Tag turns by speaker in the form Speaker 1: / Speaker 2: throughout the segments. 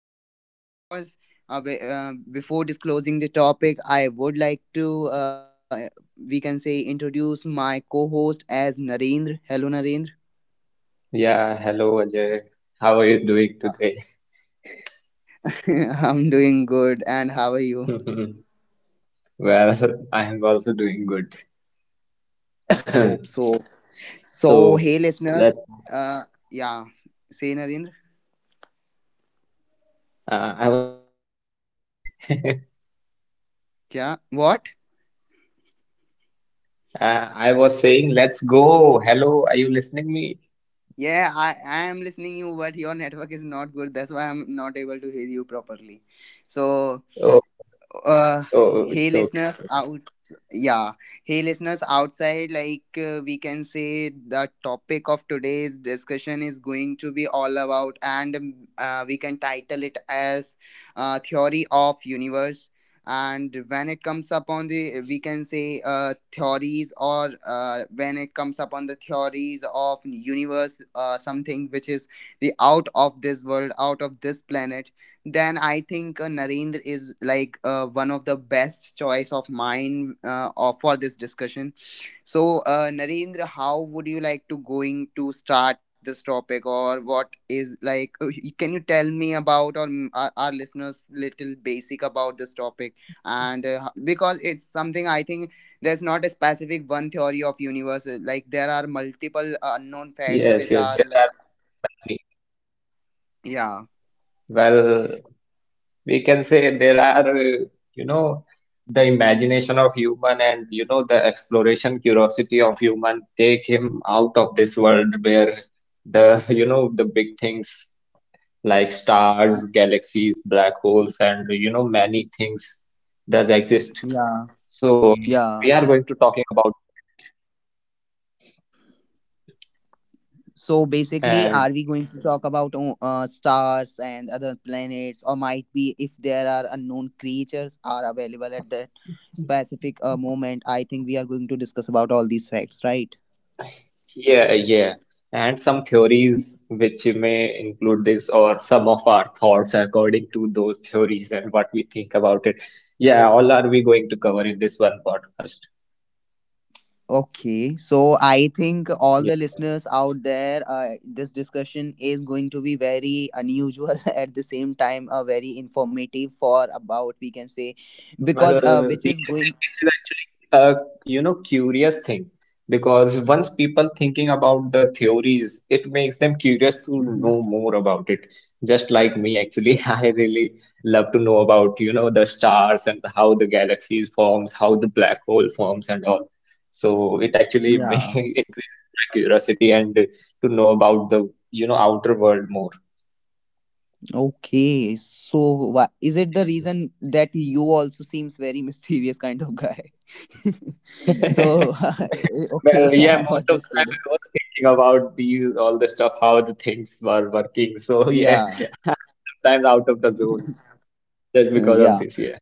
Speaker 1: uh, of course. Before disclosing the topic, I would like to we can say introduce my co-host as Narendra. Hello, Narendra.
Speaker 2: Yeah, hello, Ajay.
Speaker 1: Uh,
Speaker 2: How are you doing today?
Speaker 1: I'm doing good, and how are you?
Speaker 2: Well, I am also doing good.
Speaker 1: Hope so. So, hey, listeners.
Speaker 2: So
Speaker 1: Uh,
Speaker 2: let's
Speaker 1: yeah.
Speaker 2: go.
Speaker 1: Say, Narendra.
Speaker 2: I was saying let's go.
Speaker 1: Yeah. What?
Speaker 2: I was saying let's go. Hello, are you listening me?
Speaker 1: Yeah, I am listening you, but your network is not good. That's why I'm not able to hear you properly.
Speaker 2: Oh,
Speaker 1: So
Speaker 2: oh, it's okay.
Speaker 1: uh
Speaker 2: It's okay.
Speaker 1: hey listeners out yeah Hey listeners outside, we can say the topic of today's discussion is going to be all about, and we can title it as theory of universe. And when it comes upon the we can say theories, or when it comes upon the theories of universe, something which is the out of this world, out of this planet, then I think Narendra is like one of the best choice of mine, for this discussion. So, Narendra, how would you like to going to start this topic, or what is like? Can you tell me about, or our listeners little basic about this topic? And because it's something I think there's not a specific one theory of universe. Like there are multiple unknown facts
Speaker 2: Yes, yes,
Speaker 1: which are
Speaker 2: there are
Speaker 1: like.
Speaker 2: many.
Speaker 1: Yeah,
Speaker 2: Well, we can say you know the imagination of human and the exploration curiosity of human take him out of this world where the the big things like stars, galaxies, black holes, and many things does exist.
Speaker 1: yeah,
Speaker 2: So, yeah,
Speaker 1: yeah.
Speaker 2: we are going to talking about that
Speaker 1: So basically,
Speaker 2: and
Speaker 1: are we going to talk about stars and other planets, or might be if there are unknown creatures are available at that specific moment? I think we are going to discuss about all these facts, right?
Speaker 2: Yeah, yeah. And some theories which may include this or some of our thoughts according to those theories and what we think about it. Yeah, all are we going to cover in this one podcast.
Speaker 1: Okay, so I think all the
Speaker 2: Yeah.
Speaker 1: listeners out there, this discussion is going to be very unusual at the same time, very informative for about we can say, because
Speaker 2: Well,
Speaker 1: which is
Speaker 2: we can say
Speaker 1: going.
Speaker 2: it is actually a curious thing because once people thinking about the theories, it makes them curious to
Speaker 1: Mhm.
Speaker 2: know more about it. Just like me, actually, I really love to know about the stars and how the galaxies forms, how the black hole forms, and all. So it actually
Speaker 1: Yeah.
Speaker 2: increases my curiosity and to know about the outer world more.
Speaker 1: Okay. So, is it the reason that you also seems very mysterious kind of guy? So,
Speaker 2: Well,
Speaker 1: okay,
Speaker 2: yeah,
Speaker 1: I was
Speaker 2: most of the
Speaker 1: just
Speaker 2: time
Speaker 1: kidding.
Speaker 2: I was thinking about these, all the stuff, how the things were working. So, yeah,
Speaker 1: Yeah.
Speaker 2: I'm sometimes out of the zone just because
Speaker 1: Yeah.
Speaker 2: of this, yeah.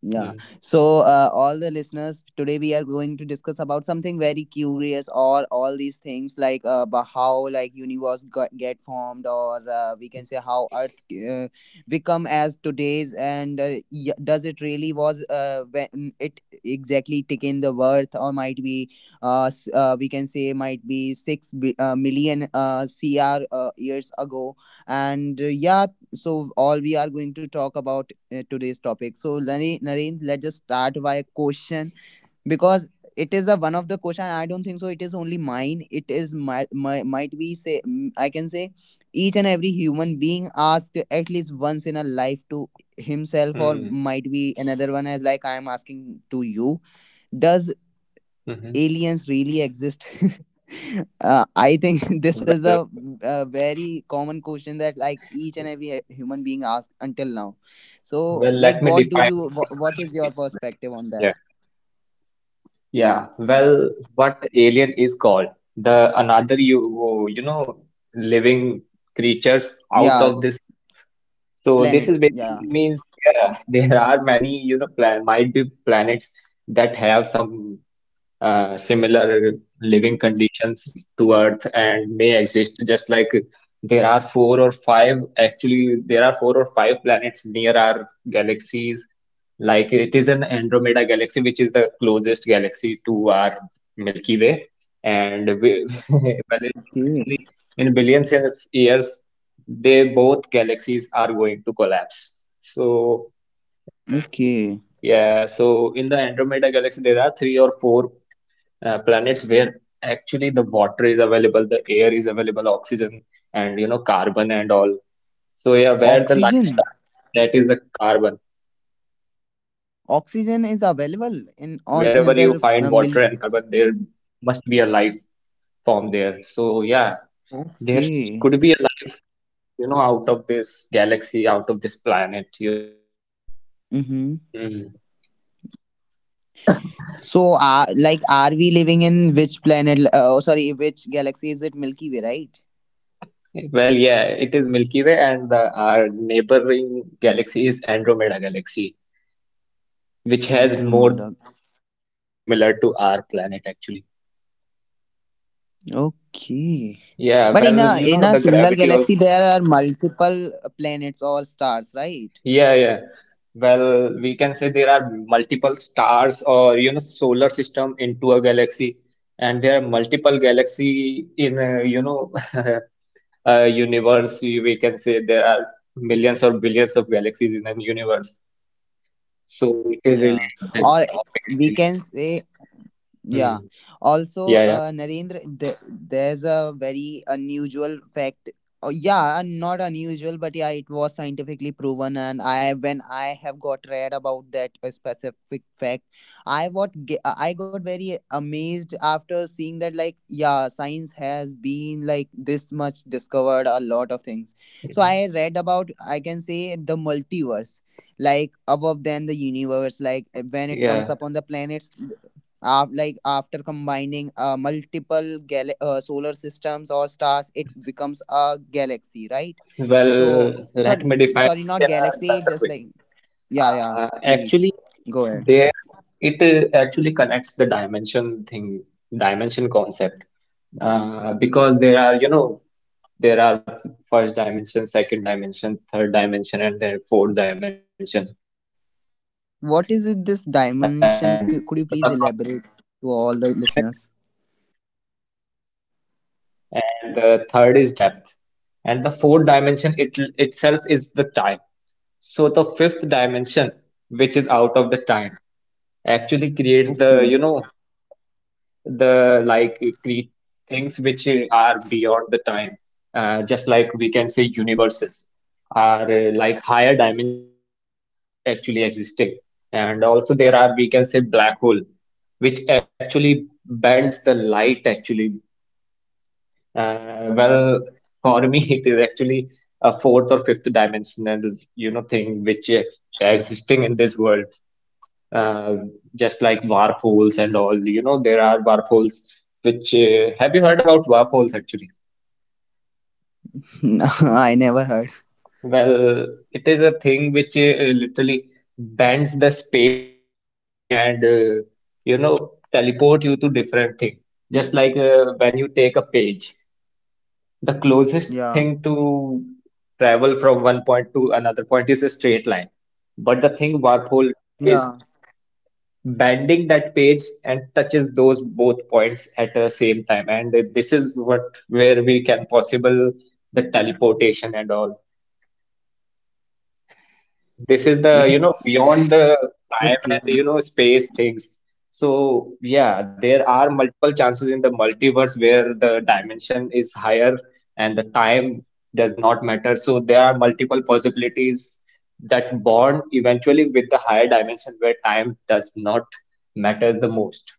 Speaker 1: Yeah.
Speaker 2: Mm.
Speaker 1: So, all the listeners, today we are going to discuss about something very curious, or all these things like about how like universe get formed, or we can say how Earth uh, become as today's, and does it really was when it exactly taken the worth, or might be we can say might be million cr years ago, and yeah. So all we are going to talk about today's topic. So, Naren, let's just start by a question because it is the one of the question. I don't think so. It is only mine. It is my might be say I can say each and every human being asked at least once in a life to himself or
Speaker 2: Mm.
Speaker 1: might be another one as like I am asking to you. Does
Speaker 2: hmm
Speaker 1: aliens really exist? I think
Speaker 2: Well,
Speaker 1: this is a very common question that like each and every human being asked until now.
Speaker 2: well,
Speaker 1: So,
Speaker 2: let me
Speaker 1: like, what do
Speaker 2: define you
Speaker 1: you?
Speaker 2: it very
Speaker 1: What is your
Speaker 2: basic way.
Speaker 1: perspective on
Speaker 2: Yeah.
Speaker 1: that?
Speaker 2: Yeah,
Speaker 1: Yeah.
Speaker 2: well, what alien is called the another living creatures out
Speaker 1: Yeah.
Speaker 2: of this earth. So this is
Speaker 1: Planet. Yeah.
Speaker 2: basically means yeah, there are many you know plan might be planets that have some similar living conditions to Earth and may exist just like there are four or five planets near our galaxies. Like it is an Andromeda galaxy, which is the closest galaxy to our Milky Way. And we, well,
Speaker 1: Okay.
Speaker 2: in billions of years, they both galaxies are going to collapse. So,
Speaker 1: Okay.
Speaker 2: yeah, so in the Andromeda galaxy, there are three or four planets where actually the water is available, the air is available, oxygen, and carbon and all. So yeah, where the life
Speaker 1: Oxygen.
Speaker 2: start, that is the carbon. And
Speaker 1: Oxygen is
Speaker 2: wherever you
Speaker 1: available
Speaker 2: find
Speaker 1: in
Speaker 2: water
Speaker 1: on
Speaker 2: and carbon,
Speaker 1: another
Speaker 2: there must be a life form there. So yeah, there could be a
Speaker 1: Okay.
Speaker 2: life, out of this galaxy, out of this planet.
Speaker 1: Mm-hmm.
Speaker 2: Hmm.
Speaker 1: So, like, are we living in which planet? Oh, sorry, which galaxy is it? Milky Way, right?
Speaker 2: Well, yeah, it is Milky Way, and our neighboring galaxy is Andromeda Galaxy, which has
Speaker 1: Andrew
Speaker 2: more
Speaker 1: Modoc.
Speaker 2: than one planet similar to our planet, actually.
Speaker 1: Okay.
Speaker 2: Yeah,
Speaker 1: But in
Speaker 2: well,
Speaker 1: a in a
Speaker 2: the
Speaker 1: single
Speaker 2: gravity
Speaker 1: galaxy
Speaker 2: also.
Speaker 1: there are multiple planets or stars, right?
Speaker 2: Yeah, yeah. Well, we can say there are multiple stars or, solar system into a galaxy, and there are multiple galaxy in a, a universe. We can say there are millions or billions of galaxies in a universe. So it is
Speaker 1: Yeah.
Speaker 2: really a big
Speaker 1: Or
Speaker 2: topic,
Speaker 1: we
Speaker 2: actually.
Speaker 1: can say. Yeah.
Speaker 2: Hmm.
Speaker 1: Also,
Speaker 2: Yeah, yeah.
Speaker 1: Narendra, there's a very unusual fact. Oh, yeah, not unusual, but yeah, it was scientifically proven. And when I have got read about that specific fact, I got very amazed after seeing that. Like, yeah, science has been like this much discovered a lot of things. So I
Speaker 2: Mhm.
Speaker 1: read about, I can say, the multiverse, like above than the universe, when it comes up
Speaker 2: Yeah.
Speaker 1: on the planets. Like after combining multiple solar systems or stars, it becomes a galaxy, right? So
Speaker 2: Well, let
Speaker 1: sorry,
Speaker 2: me define
Speaker 1: sorry,
Speaker 2: it
Speaker 1: not
Speaker 2: in a
Speaker 1: galaxy.
Speaker 2: better
Speaker 1: Just
Speaker 2: way.
Speaker 1: like. Yeah, yeah. Please
Speaker 2: Actually,
Speaker 1: go ahead.
Speaker 2: there it actually connects the dimension thing, dimension concept, because there are first dimension, second dimension, third dimension, and then fourth dimension.
Speaker 1: What
Speaker 2: And
Speaker 1: is it? This
Speaker 2: so the first
Speaker 1: dimension? Could
Speaker 2: first
Speaker 1: you please elaborate
Speaker 2: dimension is
Speaker 1: to all the
Speaker 2: length,
Speaker 1: listeners?
Speaker 2: second width, and the third is depth, and the fourth dimension it, itself is the time. So the fifth dimension, which is out of the time, actually creates the
Speaker 1: Okay.
Speaker 2: like it create things which are beyond the time. Just like we can say universes are like higher dimension things that are actually existing. And also there are, we can say, black hole which actually bends the light actually. Well, for me, it is actually a fourth or fifth dimensional, thing which existing in this world. Uh, just like warp holes and all, there are warp holes. Which have you heard about warp holes actually?
Speaker 1: I never heard.
Speaker 2: Well, it is a thing which literally bends the space and time and teleport you to different thing. Just like when you take a page. The closest
Speaker 1: Yeah.
Speaker 2: thing to travel from one point to another point is a straight line. But the thing warphole do
Speaker 1: Yeah.
Speaker 2: is bending that page and touches those both points at the same time. And this is what where we can possible the teleportation and all. This is the
Speaker 1: It's
Speaker 2: beyond the time
Speaker 1: okay.
Speaker 2: and space things. So yeah, there are multiple chances in the multiverse where the dimension is higher and the time does not matter. So there are multiple possibilities that bond eventually with the higher dimension where time does not matter the most.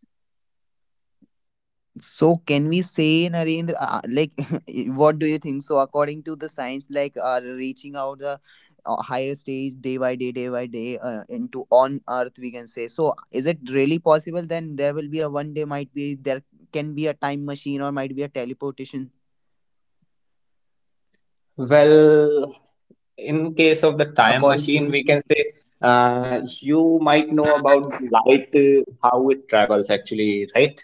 Speaker 1: So can we say, Narendra, like, what do you think? So according to the science, like, are reaching out the higher stage day by day, into on Earth, we can say. So is it really possible? Then there will be a one day, might be there can be a time machine or might be a teleportation.
Speaker 2: Well, in case of the time
Speaker 1: According
Speaker 2: machine, we
Speaker 1: to
Speaker 2: can say you might know about the light, how it travels actually, right?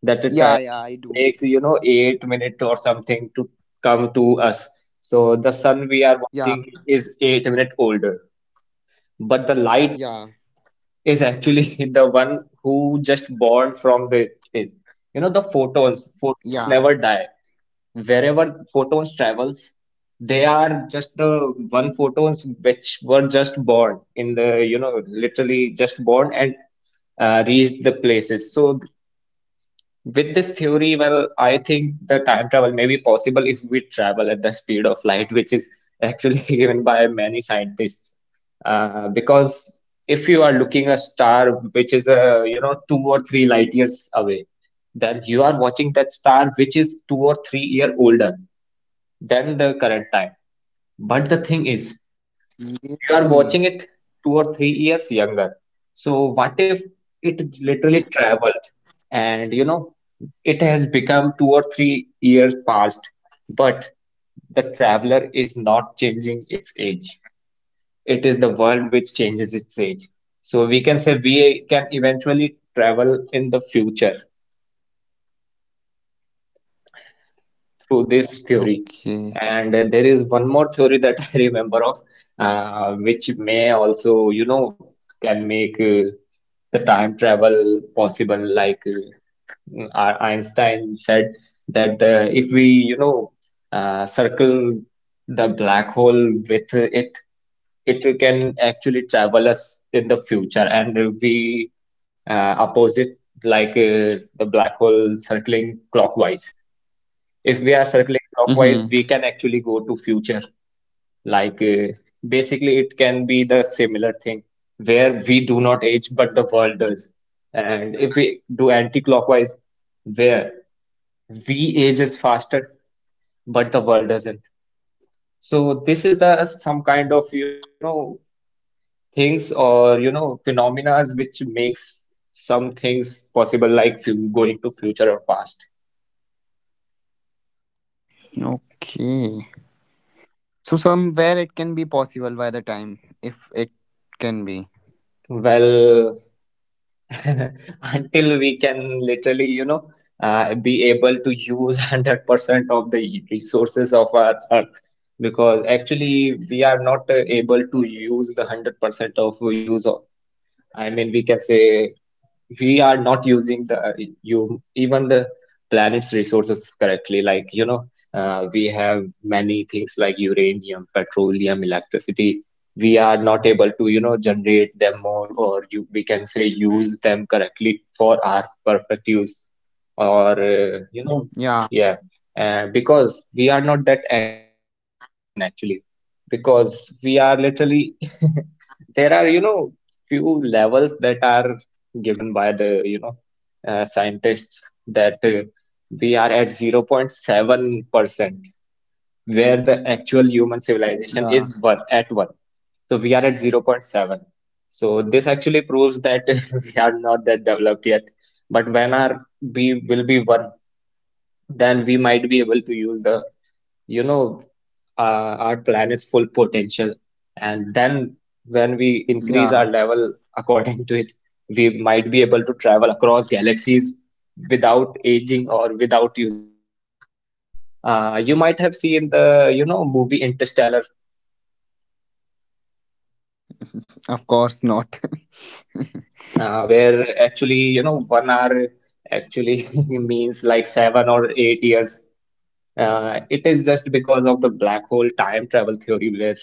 Speaker 2: That the
Speaker 1: yeah, yeah, I
Speaker 2: light
Speaker 1: do.
Speaker 2: takes, 8 minutes or something to come to us. So the sun we are
Speaker 1: Yeah,
Speaker 2: watching is 8 minutes older, but the light
Speaker 1: yeah,
Speaker 2: is actually the one who just born from the it. The photons
Speaker 1: yeah.
Speaker 2: never die. Wherever photons travels, they are just the one photons which were just born in the, literally just born and reached the places. So with this theory, well, I think the time travel may be possible if we travel at the speed of light, which is actually given by many scientists. Because if you are looking a star which is two or three light years away, then you are watching that star which is 2 or 3 year older than the current time. But the thing is, you are
Speaker 1: Seriously.
Speaker 2: watching it 2 or 3 years younger. So what if it literally traveled and it has become 2 or 3 years past, but the traveler is not changing its age. It is the world which changes its age. So we can say we can eventually travel in the future through this theory.
Speaker 1: Okay,
Speaker 2: And there is one more theory that I remember of, which may also, can make the time travel possible. Like Einstein said that if we, circle the black hole with it, it can actually travel us in the future. And we oppose it, like the black hole circling clockwise. If we are circling clockwise, we can actually go to future. Like basically, it can be the similar thing where we do not age, but the world does. And if we do anti-clockwise, where we ages faster, but the world doesn't. So this is the some kind of things or phenomena which makes some things possible, like going to future or past.
Speaker 1: okay. So somewhere it can be possible by the time if it can be.
Speaker 2: Well, until we can literally, be able to use 100% of the resources of our earth. Because actually, we are not able to use the 100% of use. I mean, we can say we are not using the you even the planet's resources correctly, like we have many things like uranium, petroleum, electricity. We are not able to generate them more, or you we can say use them correctly for our perfect use, or
Speaker 1: Yeah.
Speaker 2: yeah, because we are not that advanced civilization actually. Because we are literally there are few levels that are given by the scientists that we are at 0.7% where the actual human civilization
Speaker 1: Yeah,
Speaker 2: is one at one. So we are at zero point 0.7. So this actually proves that we are not that developed yet. But when are we will be one, then we might be able to use you know, our planet's full potential. And then when we increase our
Speaker 1: yeah,
Speaker 2: level according to it, we might be able to travel across galaxies without aging or without using that much time. You might have seen the movie Interstellar,
Speaker 1: of course not.
Speaker 2: where actually, 1 hour actually means like 7 or 8 years. It is just because of the black hole time travel theory where,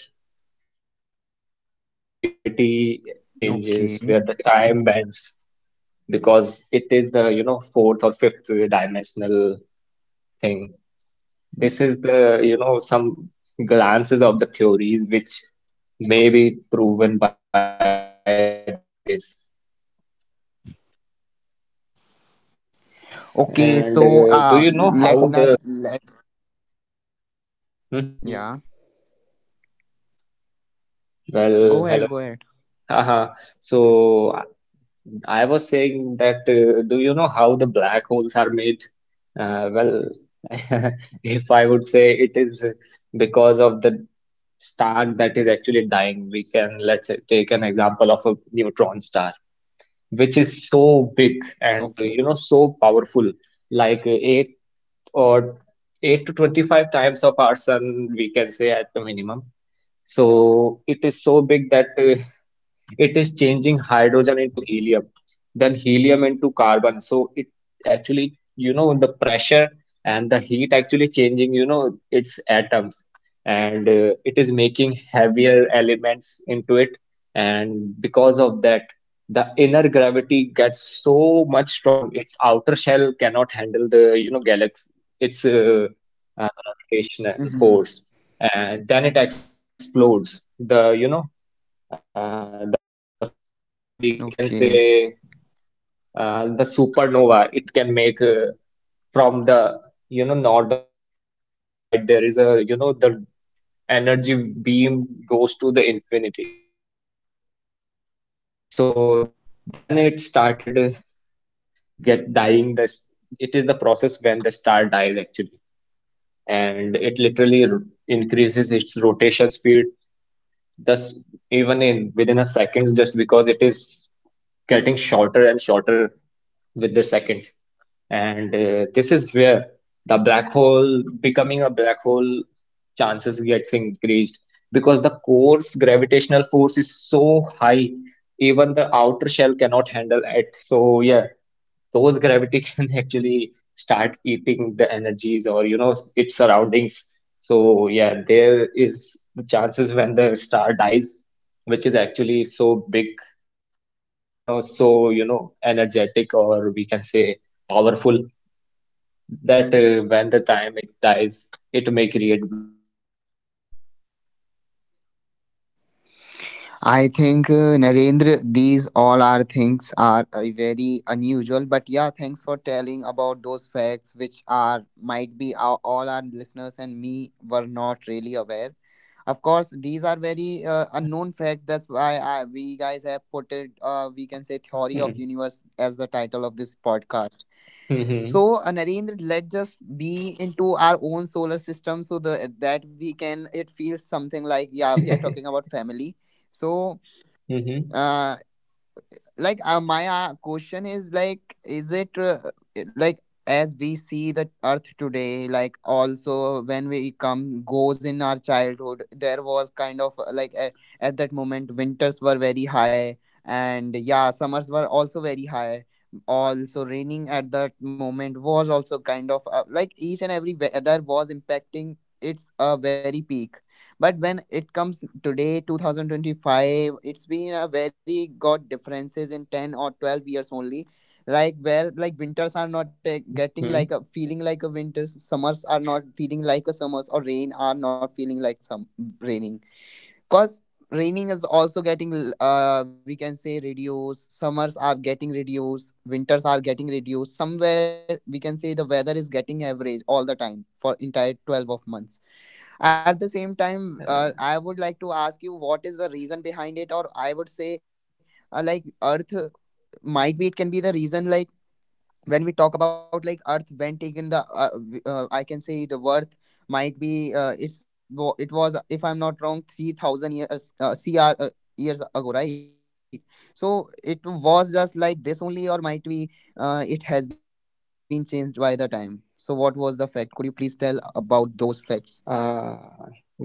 Speaker 2: gravity changes, where the time
Speaker 1: Okay.
Speaker 2: bends, because it is fourth or fifth dimensional thing. This is some glances of the theories which may be proven by this. And do you
Speaker 1: Okay.
Speaker 2: know how
Speaker 1: so uh
Speaker 2: the,
Speaker 1: let not let
Speaker 2: Mhm. Yeah,
Speaker 1: yeah.
Speaker 2: well, hello.
Speaker 1: Go ahead, go ahead.
Speaker 2: Haha. So I was saying that do you know how the black holes are made? Uh, well, if I would say, it is because of the star that is actually dying. We can, let's say, take an example of a neutron star, which is so big and
Speaker 1: Okay.
Speaker 2: you know, so powerful, like 8 or 8 to 25 times of our sun, we can say, at the minimum. So it is so big that it is changing hydrogen into helium, then helium into carbon. So it, the pressure and the heat actually changing, you know, its atoms, and it is making heavier elements into it. And because of that, the inner gravity gets so much strong, its outer shell cannot handle the, you know, galaxy, its gravitational
Speaker 1: Mhm.
Speaker 2: force. And then it explodes. The the phenomena, we can say
Speaker 1: Okay.
Speaker 2: the supernova, it can make from the, you know, northern side or southern side, there is a, you know, the energy beam goes to the infinity. So then it started get dying. This It is the process when the star dies, actually, and it increases its rotation speed. Thus, even in within a seconds, just because it is getting shorter and shorter with the seconds. And this is where the black hole becoming a black hole chances gets increased, because the core's gravitational force is so high, even the outer shell cannot handle it. So yeah, those gravity can actually start eating the energies or, you know, its surroundings. So yeah, there is the chances when the star dies, which is actually so big and, you know, so, you know, energetic, or we can say powerful, that when the time it dies, it may create black holes.
Speaker 1: I think Narendra, these all are things are very unusual, but yeah, thanks for telling about those facts which are might be all our listeners and me were not really aware. Of course, these are very unknown facts. That's why we guys have put it. We can say theory of
Speaker 2: Hmm.
Speaker 1: universe as the title of this podcast. So,
Speaker 2: Mhm.
Speaker 1: Narendra, let's just be into our own solar system so the that we can. It feels something like yeah, we are talking about family. So,
Speaker 2: Mhm.
Speaker 1: uh, like my question is like. Is it like as we see the earth today, like also when we come goes in our childhood there was kind of at that moment winters were very high, and yeah, summers were also very high, also raining at that moment was also kind of like each and every weather was impacting its a very peak. But when it comes today, 2025, it's been a very got differences in 10 or 12 years only. Like where like winters are not
Speaker 2: Hmm.
Speaker 1: getting like a feeling like a winters, summers are not feeling like a summers, or rain are not feeling like some raining. Cause raining is also getting we can say reduced. Summers are getting reduced. Winters are getting reduced. Somewhere we can say the weather is getting average all the time for entire 12 of months at the same time.
Speaker 2: Uh,
Speaker 1: I would like to ask you what is the reason behind it, or I would say, like Earth might be it can be the reason. Like when we talk about like Earth when taken the, I can say the worth might be it was if I'm not wrong 3,000 years cr years ago, right? So it was just like this only, or might be it has been changed by the time. So what was the fact? Could you please tell about those facts?
Speaker 2: uh,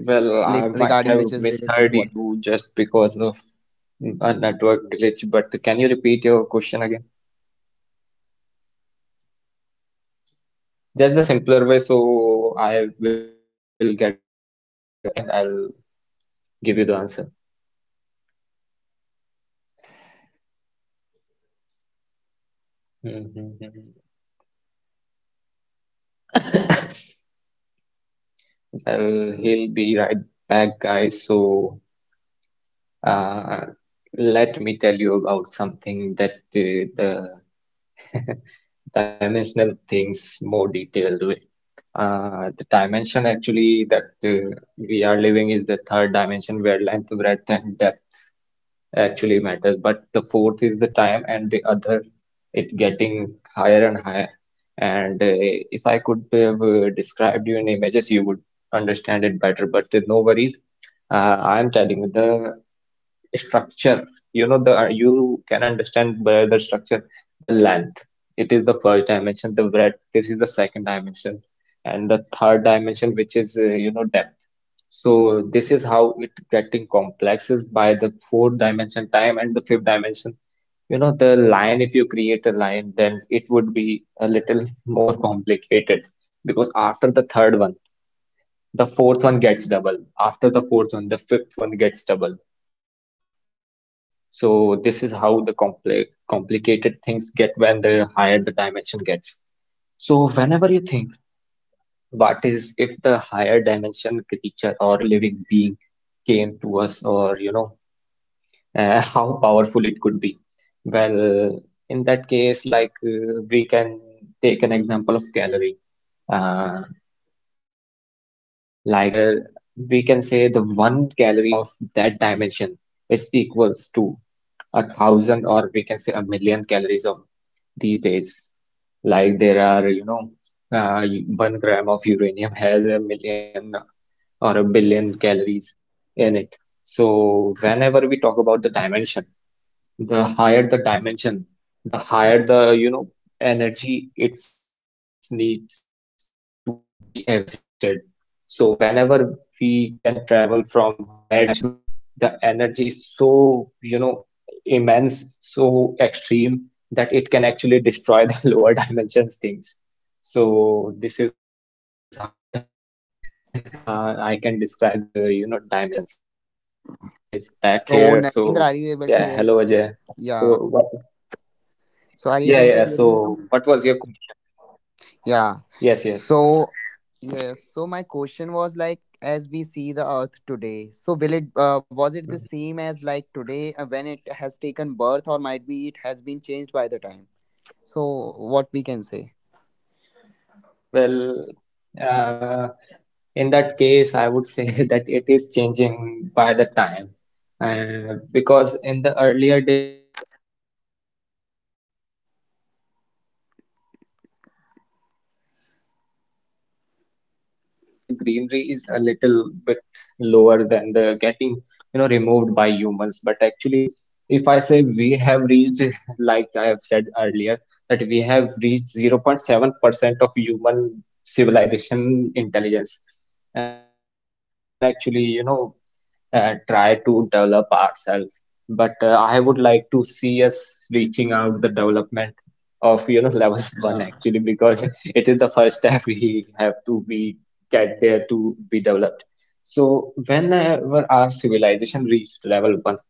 Speaker 2: I
Speaker 1: Regarding which
Speaker 2: might
Speaker 1: is
Speaker 2: have
Speaker 1: related to
Speaker 2: misheard
Speaker 1: Earth.
Speaker 2: you just because of a network glitch, but can you repeat your question again?
Speaker 1: Okay, how
Speaker 2: Just the
Speaker 1: much you have
Speaker 2: simpler way,
Speaker 1: heard, Narendra?
Speaker 2: so I will get the idea and I'll give you the answer.
Speaker 1: Oh, okay. So the answer, so the question is,
Speaker 2: Mhm.
Speaker 1: like the Earth was before, as like Earth was taken the birth, it was
Speaker 2: Well,
Speaker 1: like the
Speaker 2: he'll
Speaker 1: same
Speaker 2: be
Speaker 1: as
Speaker 2: right
Speaker 1: today, or
Speaker 2: back,
Speaker 1: might be it
Speaker 2: guys.
Speaker 1: was
Speaker 2: So,
Speaker 1: changed by the time.
Speaker 2: uh, let me tell you about something that the dimensional things more detailed way. The dimension actually that we are living is the third dimension, where length, breadth, and depth actually matters. But the fourth is the time, and the other it getting higher and higher. And if I could have described you in images, you would understand it better. But no worries. I'm telling you, the structure, you know, the you can understand by the structure, the length. It is the first dimension, the breadth. This is the second dimension, and the third dimension, which is you know, depth. So this is how it getting complex is by the fourth dimension time and the fifth dimension. You know, the line. If you create a line, then it would be a little more complicated, because after the third one, the fourth one gets double. After the fourth one, the fifth one gets double, so this is how the complicated things get when the higher the dimension gets. So whenever you think, what is if the higher dimension creature or, you know, living being came to us, or you know, how powerful it could be? Well, in that case, like we can take an example of calorie. Uh, like there, we can say the one calorie of that dimension is equals to a thousand, or we can say a million calories of these days. Like there are, you know, uh, 1 gram of uranium has a million or a billion calories in it. So whenever we talk about the dimension, the higher the dimension, the higher the, you know, energy it needs to be existed. So whenever we can travel from higher dimension to lower one, the energy is so, you know, immense, so extreme that it can actually destroy the lower dimensions things. So this is how the, I can describe the, you know, dimensions. So yeah, Ajay is back
Speaker 1: So,
Speaker 2: here.
Speaker 1: Narendra,
Speaker 2: So
Speaker 1: are you able to
Speaker 2: yeah,
Speaker 1: hear me?
Speaker 2: hello Ajay. So
Speaker 1: Yeah.
Speaker 2: what is?
Speaker 1: So, are you
Speaker 2: Yeah,
Speaker 1: able to
Speaker 2: yeah.
Speaker 1: hear me now?
Speaker 2: So, what was your question?
Speaker 1: Yeah.
Speaker 2: Yes, yes.
Speaker 1: So, yes. So, my question was like, as we see the Earth today, so will it was it the
Speaker 2: Mhm.
Speaker 1: same as like today when it has taken birth, or might be it has been changed by the time? So, what we can say?
Speaker 2: Well, uh, In that case, I would say that it is changing by the time. Because in the earlier days, there were actually, you know, the more greeneries, less technology. But now the technology is increasing and the, you know, the greenery is a little bit lower than the getting, you know, removed by humans. But actually, if I say we have reached, like I have said earlier, that we have reached 0.7% of human civilization intelligence, where we can actually, you know, try to develop ourselves. But I would like to see us reaching out the development of, you know, level one,
Speaker 1: Yeah.
Speaker 2: actually, because it is the first step we have to be get there to be developed. So whenever our civilization reached level one,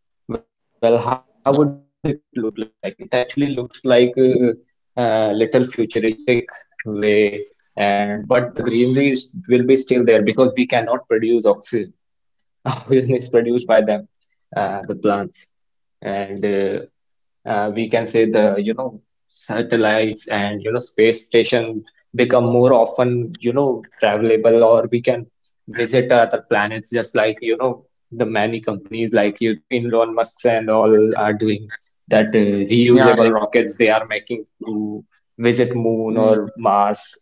Speaker 2: well, how would it look like? It
Speaker 1: Yeah.
Speaker 2: actually looks like a, little futuristic way, and but the greenery will be still there, because we cannot produce oxy oxygen is produced by them, the plants, and we can say the, you know, satellites and, you know, space station become more often, you know, travelable, or we can visit other planets, just like, you know, the many companies like, you know, Elon Musk and all are doing, that
Speaker 1: Yeah.
Speaker 2: reusable
Speaker 1: Yeah.
Speaker 2: rockets they are making to visit Moon
Speaker 1: Mm.
Speaker 2: or Mars.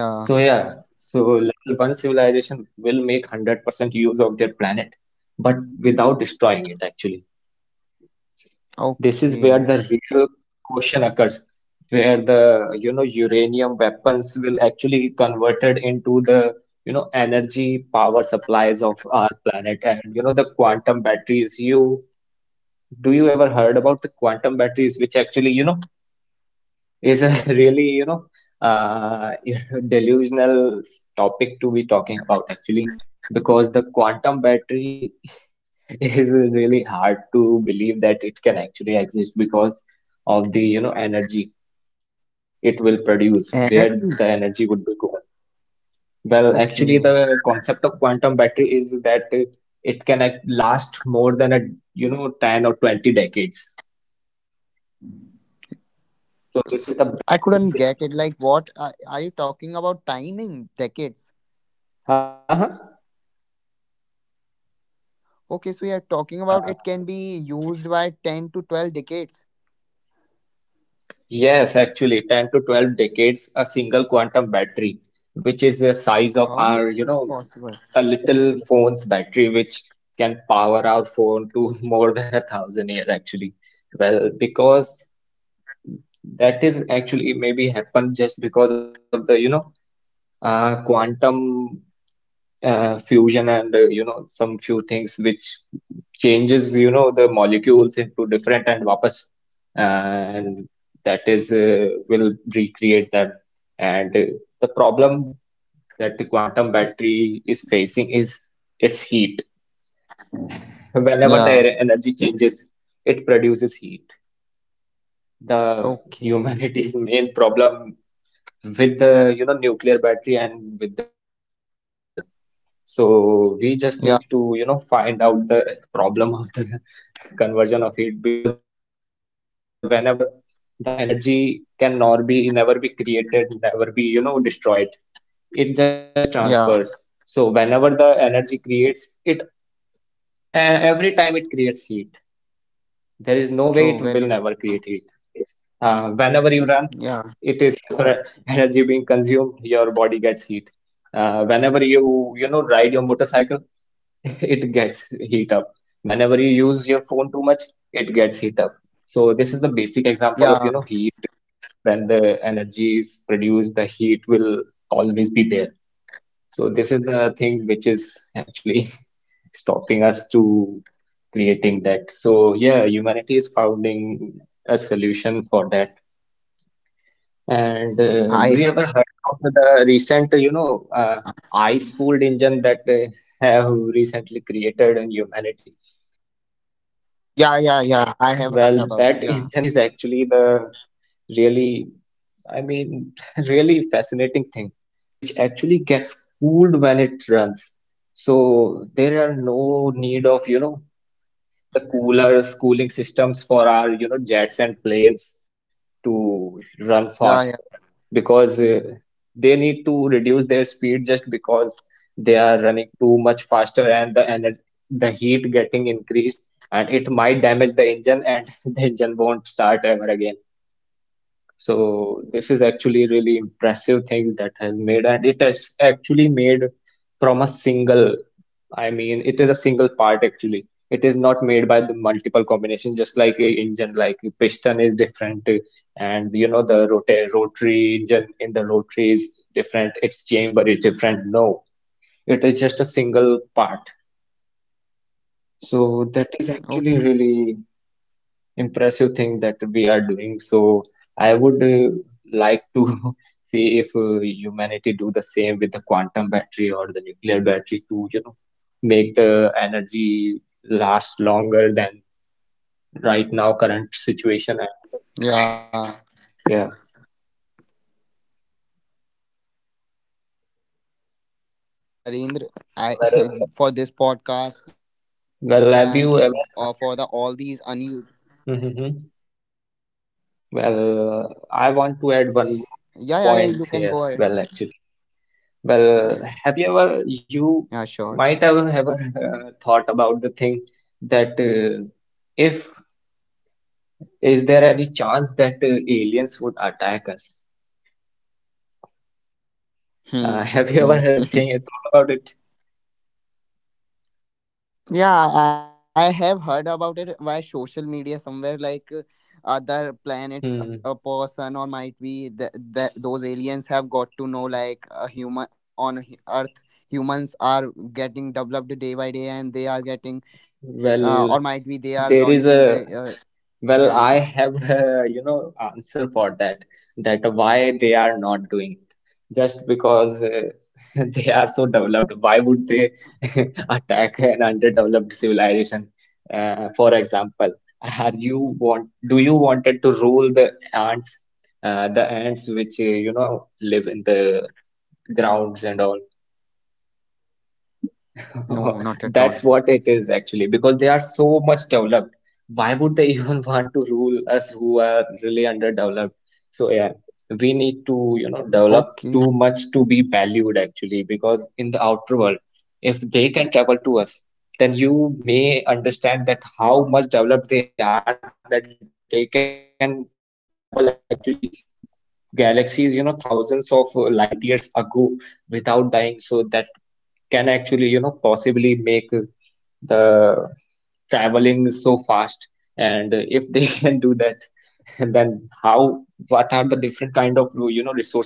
Speaker 1: Yeah.
Speaker 2: So yeah, so level one civilization will make 100% use of their planet, but without destroying it, actually. This is where
Speaker 1: Okay.
Speaker 2: the real caution occurs, where the, you know, uranium weapons will actually converted into the, you know, energy power supplies of our planet and, you know, the quantum batteries. Do you ever heard about the quantum batteries, which actually, you know, is a really, you know, uh, delusional topic to be talking about, actually, because the quantum battery is really hard to believe that it can actually exist, because of the, you know, energy it will produce, where the energy would
Speaker 1: NFTs.
Speaker 2: be going. Well, actually, the
Speaker 1: Okay.
Speaker 2: concept of quantum battery is that it last more than a, you know, 10 or 20 decades. So
Speaker 1: S
Speaker 2: this is the
Speaker 1: I couldn't
Speaker 2: battery
Speaker 1: get it.
Speaker 2: which,
Speaker 1: Like, are you talking about? Timing, decades.
Speaker 2: huh? Huh.
Speaker 1: Okay, so we are talking about
Speaker 2: uh,
Speaker 1: it can be used by 10 to 12 decades.
Speaker 2: Yes, actually, 10 to 12 decades, a single quantum battery, which is the size of
Speaker 1: How is
Speaker 2: our, you
Speaker 1: it
Speaker 2: know,
Speaker 1: possible?
Speaker 2: a little phone's battery, which can power our phone to more than a thousand years, actually. Well, because that is actually maybe happened, just because of the, you know, quantum fusion and, you know, some few things which changes, you know, the molecules into different and wapas, and that is will recreate them, and the problem that the quantum battery is facing is its heat, whenever
Speaker 1: Yeah.
Speaker 2: the energy changes, it produces heat, the
Speaker 1: Okay.
Speaker 2: humanity's main problem with the, you know, nuclear battery and with the quantum battery as well. So we just
Speaker 1: Yeah.
Speaker 2: need to, you know, find out the problem of the conversion of heat, because whenever the energy can nor be never be created, never be, you know, destroyed. It just
Speaker 1: Yeah.
Speaker 2: transfers. So whenever the energy creates it, every time it creates heat. There is no
Speaker 1: True.
Speaker 2: way it
Speaker 1: Very
Speaker 2: will
Speaker 1: true.
Speaker 2: never create heat. Whenever you
Speaker 1: Yeah.
Speaker 2: run, it is your energy being consumed, your body gets heat. Whenever you, you know, ride your motorcycle, it gets heat up. Whenever you use your phone too much, it gets heat up. So this is the basic example
Speaker 1: Yeah.
Speaker 2: of, you know, heat. Yeah. When the energy is produced, the heat will always be there. So this is the thing which is actually stopping us to creating that. So yeah, humanity is finding a solution for that. And
Speaker 1: I.
Speaker 2: do you ever heard about the recent, you know, ice-cooled engine that have recently created in humanity?
Speaker 1: Yeah. Yeah. Yeah. I have heard
Speaker 2: Well,
Speaker 1: about.
Speaker 2: that
Speaker 1: Yeah.
Speaker 2: engine is actually the really, I mean, really fascinating thing, which actually gets cooled when it runs. So there are no need of, you know, the coolers, cooling systems for our, you know, jets and planes to run faster,
Speaker 1: Yeah. Yeah.
Speaker 2: because they need to reduce their speed, just because they are running too much faster and the energy, the heat getting increased, and it might damage the engine, and the engine won't start ever again. So this is actually really impressive thing that has made, and it has actually made from a single. I mean, it is a single part, actually. It is not made by the multiple combinations, just like a engine, like piston is different, and you know the rotary engine in the rotary is different. Its chamber is different. No, it is just a single part. So that is actually
Speaker 1: Okay.
Speaker 2: really impressive thing that we are doing. So I would like to see if humanity do the same with the quantum battery or the nuclear battery to, you know, make the energy last longer than right now current situation.
Speaker 1: Yeah.
Speaker 2: And yeah,
Speaker 1: So I think Narendra, I
Speaker 2: well,
Speaker 1: for this podcast and
Speaker 2: well,
Speaker 1: for
Speaker 2: have
Speaker 1: the
Speaker 2: you
Speaker 1: all
Speaker 2: ever
Speaker 1: these
Speaker 2: heard?
Speaker 1: unused.
Speaker 2: Mhm. Well,
Speaker 1: Yeah. Yeah.
Speaker 2: I
Speaker 1: Yeah. You
Speaker 2: want to
Speaker 1: can
Speaker 2: add
Speaker 1: go
Speaker 2: one
Speaker 1: ahead.
Speaker 2: more point here. Well,
Speaker 1: Yeah.
Speaker 2: actually. Well,
Speaker 1: Yeah.
Speaker 2: have you
Speaker 1: Sure.
Speaker 2: ever, you might have ever thought about the thing that if, is there any chance that aliens would attack us?
Speaker 1: Hmm.
Speaker 2: Have you ever uh, thought about it?
Speaker 1: Yeah, I have heard about it via social media somewhere other planets a person, or might
Speaker 2: Hmm.
Speaker 1: be that those aliens have got to know like a
Speaker 2: Hmm.
Speaker 1: human on earth. Humans are getting developed day by day and they are getting or might be they are
Speaker 2: Well,
Speaker 1: launching the
Speaker 2: there is a
Speaker 1: yeah.
Speaker 2: Well, I have a, you know, answer for that, that why they are not doing it. Just because they are so developed, why would they attack an underdeveloped civilization? For example, do you wanted to rule the ants which, you know, live in the grounds and all?
Speaker 1: No, not at all.
Speaker 2: That's what it is actually, because they are so much developed. Why would they even want to rule us who are really underdeveloped? So yeah, we need to, you know,
Speaker 1: Okay.
Speaker 2: develop too much to be valued, actually, because in the outer world, if they can travel to us, then you may understand that how much developed they are, that they can travel actually galaxies, you know, thousands of light years ago without dying. So that can actually, you know, possibly make the traveling is so fast, and if they can do that, then how, what are the different kind of, you know, resources they might be using,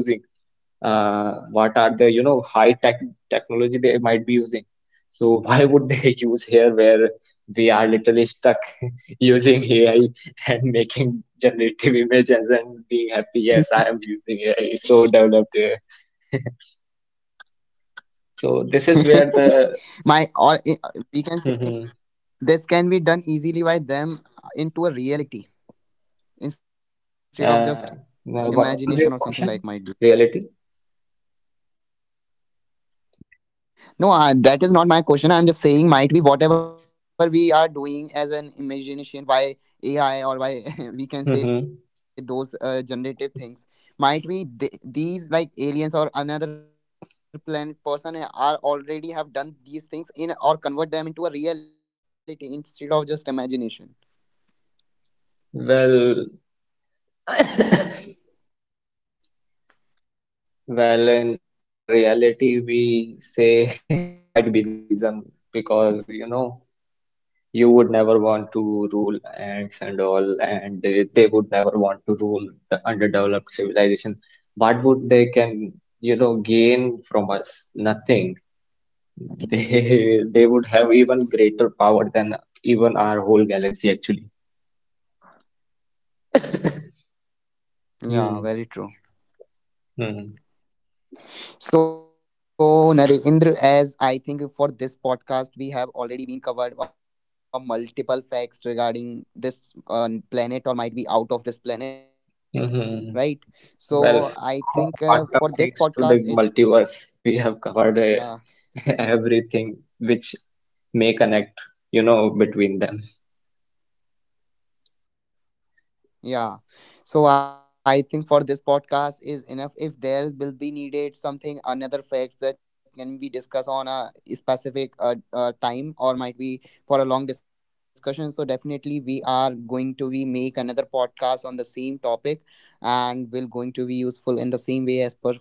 Speaker 2: what are the, you know, high tech technology they might be using, so why would they use here, where we are literally stuck using AI and making generative images and being happy, yes I am using AI it's so developed so this is where the
Speaker 1: We can say this can be done easily by them into a reality instead of just imagination or
Speaker 2: Uh,
Speaker 1: something like might
Speaker 2: well,
Speaker 1: be.
Speaker 2: what was your question? Reality?
Speaker 1: No, that is not my question. I'm just saying might be whatever we are doing as an imagination by AI or by we can say those generative
Speaker 2: Mm-hmm.
Speaker 1: things might be these like aliens or another planet person are already have done these things in, or convert them into a reality instead of just imagination.
Speaker 2: Well, well, in the reality, we say this might be the reason, because you know, you would never want to rule ants and all, and they would never want to rule the underdeveloped civilization. What would they can, you know, gain from us? Nothing. They they would have even greater power than even our whole galaxy, actually.
Speaker 1: Yeah, very true.
Speaker 2: Hmm.
Speaker 1: So, Narendra, as I think for this podcast, we have already been covered multiple facts regarding this planet or might be out of this planet, right? So, I
Speaker 2: Hmm.
Speaker 1: think for this
Speaker 2: Well,
Speaker 1: podcast,
Speaker 2: from
Speaker 1: it's.
Speaker 2: quantum things to the
Speaker 1: Yeah.
Speaker 2: multiverse, we have covered everything which may connect, you know, between them.
Speaker 1: Yeah. So I think for this podcast is enough. If there will be needed something, another facts that can be discussed on a specific time or might be for a long discussion. So definitely we are going to be make another podcast on the same topic and will going to be useful in the same way as per as for the listeners.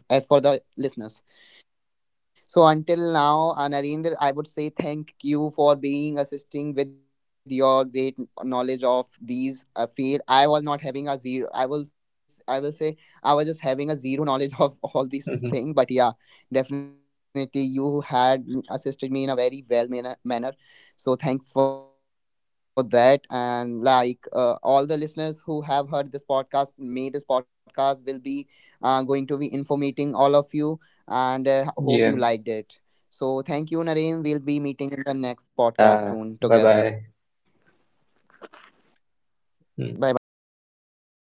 Speaker 1: So until now, Narendra, I would say thank you for being assisting with your great knowledge of these field. I was not having a zero. I will say I was just having a zero knowledge of all these thing. But yeah, definitely you
Speaker 2: Mhm.
Speaker 1: had assisted me in a very well manner. So thanks for that. And all the listeners who have heard this podcast, may this podcast will be going to be informating all of you, and hope you liked it. So thank you, Nareem. We'll
Speaker 2: Yeah.
Speaker 1: be meeting in the next podcast soon together.
Speaker 2: Yeah. Bye bye.
Speaker 1: Bye bye. Take care.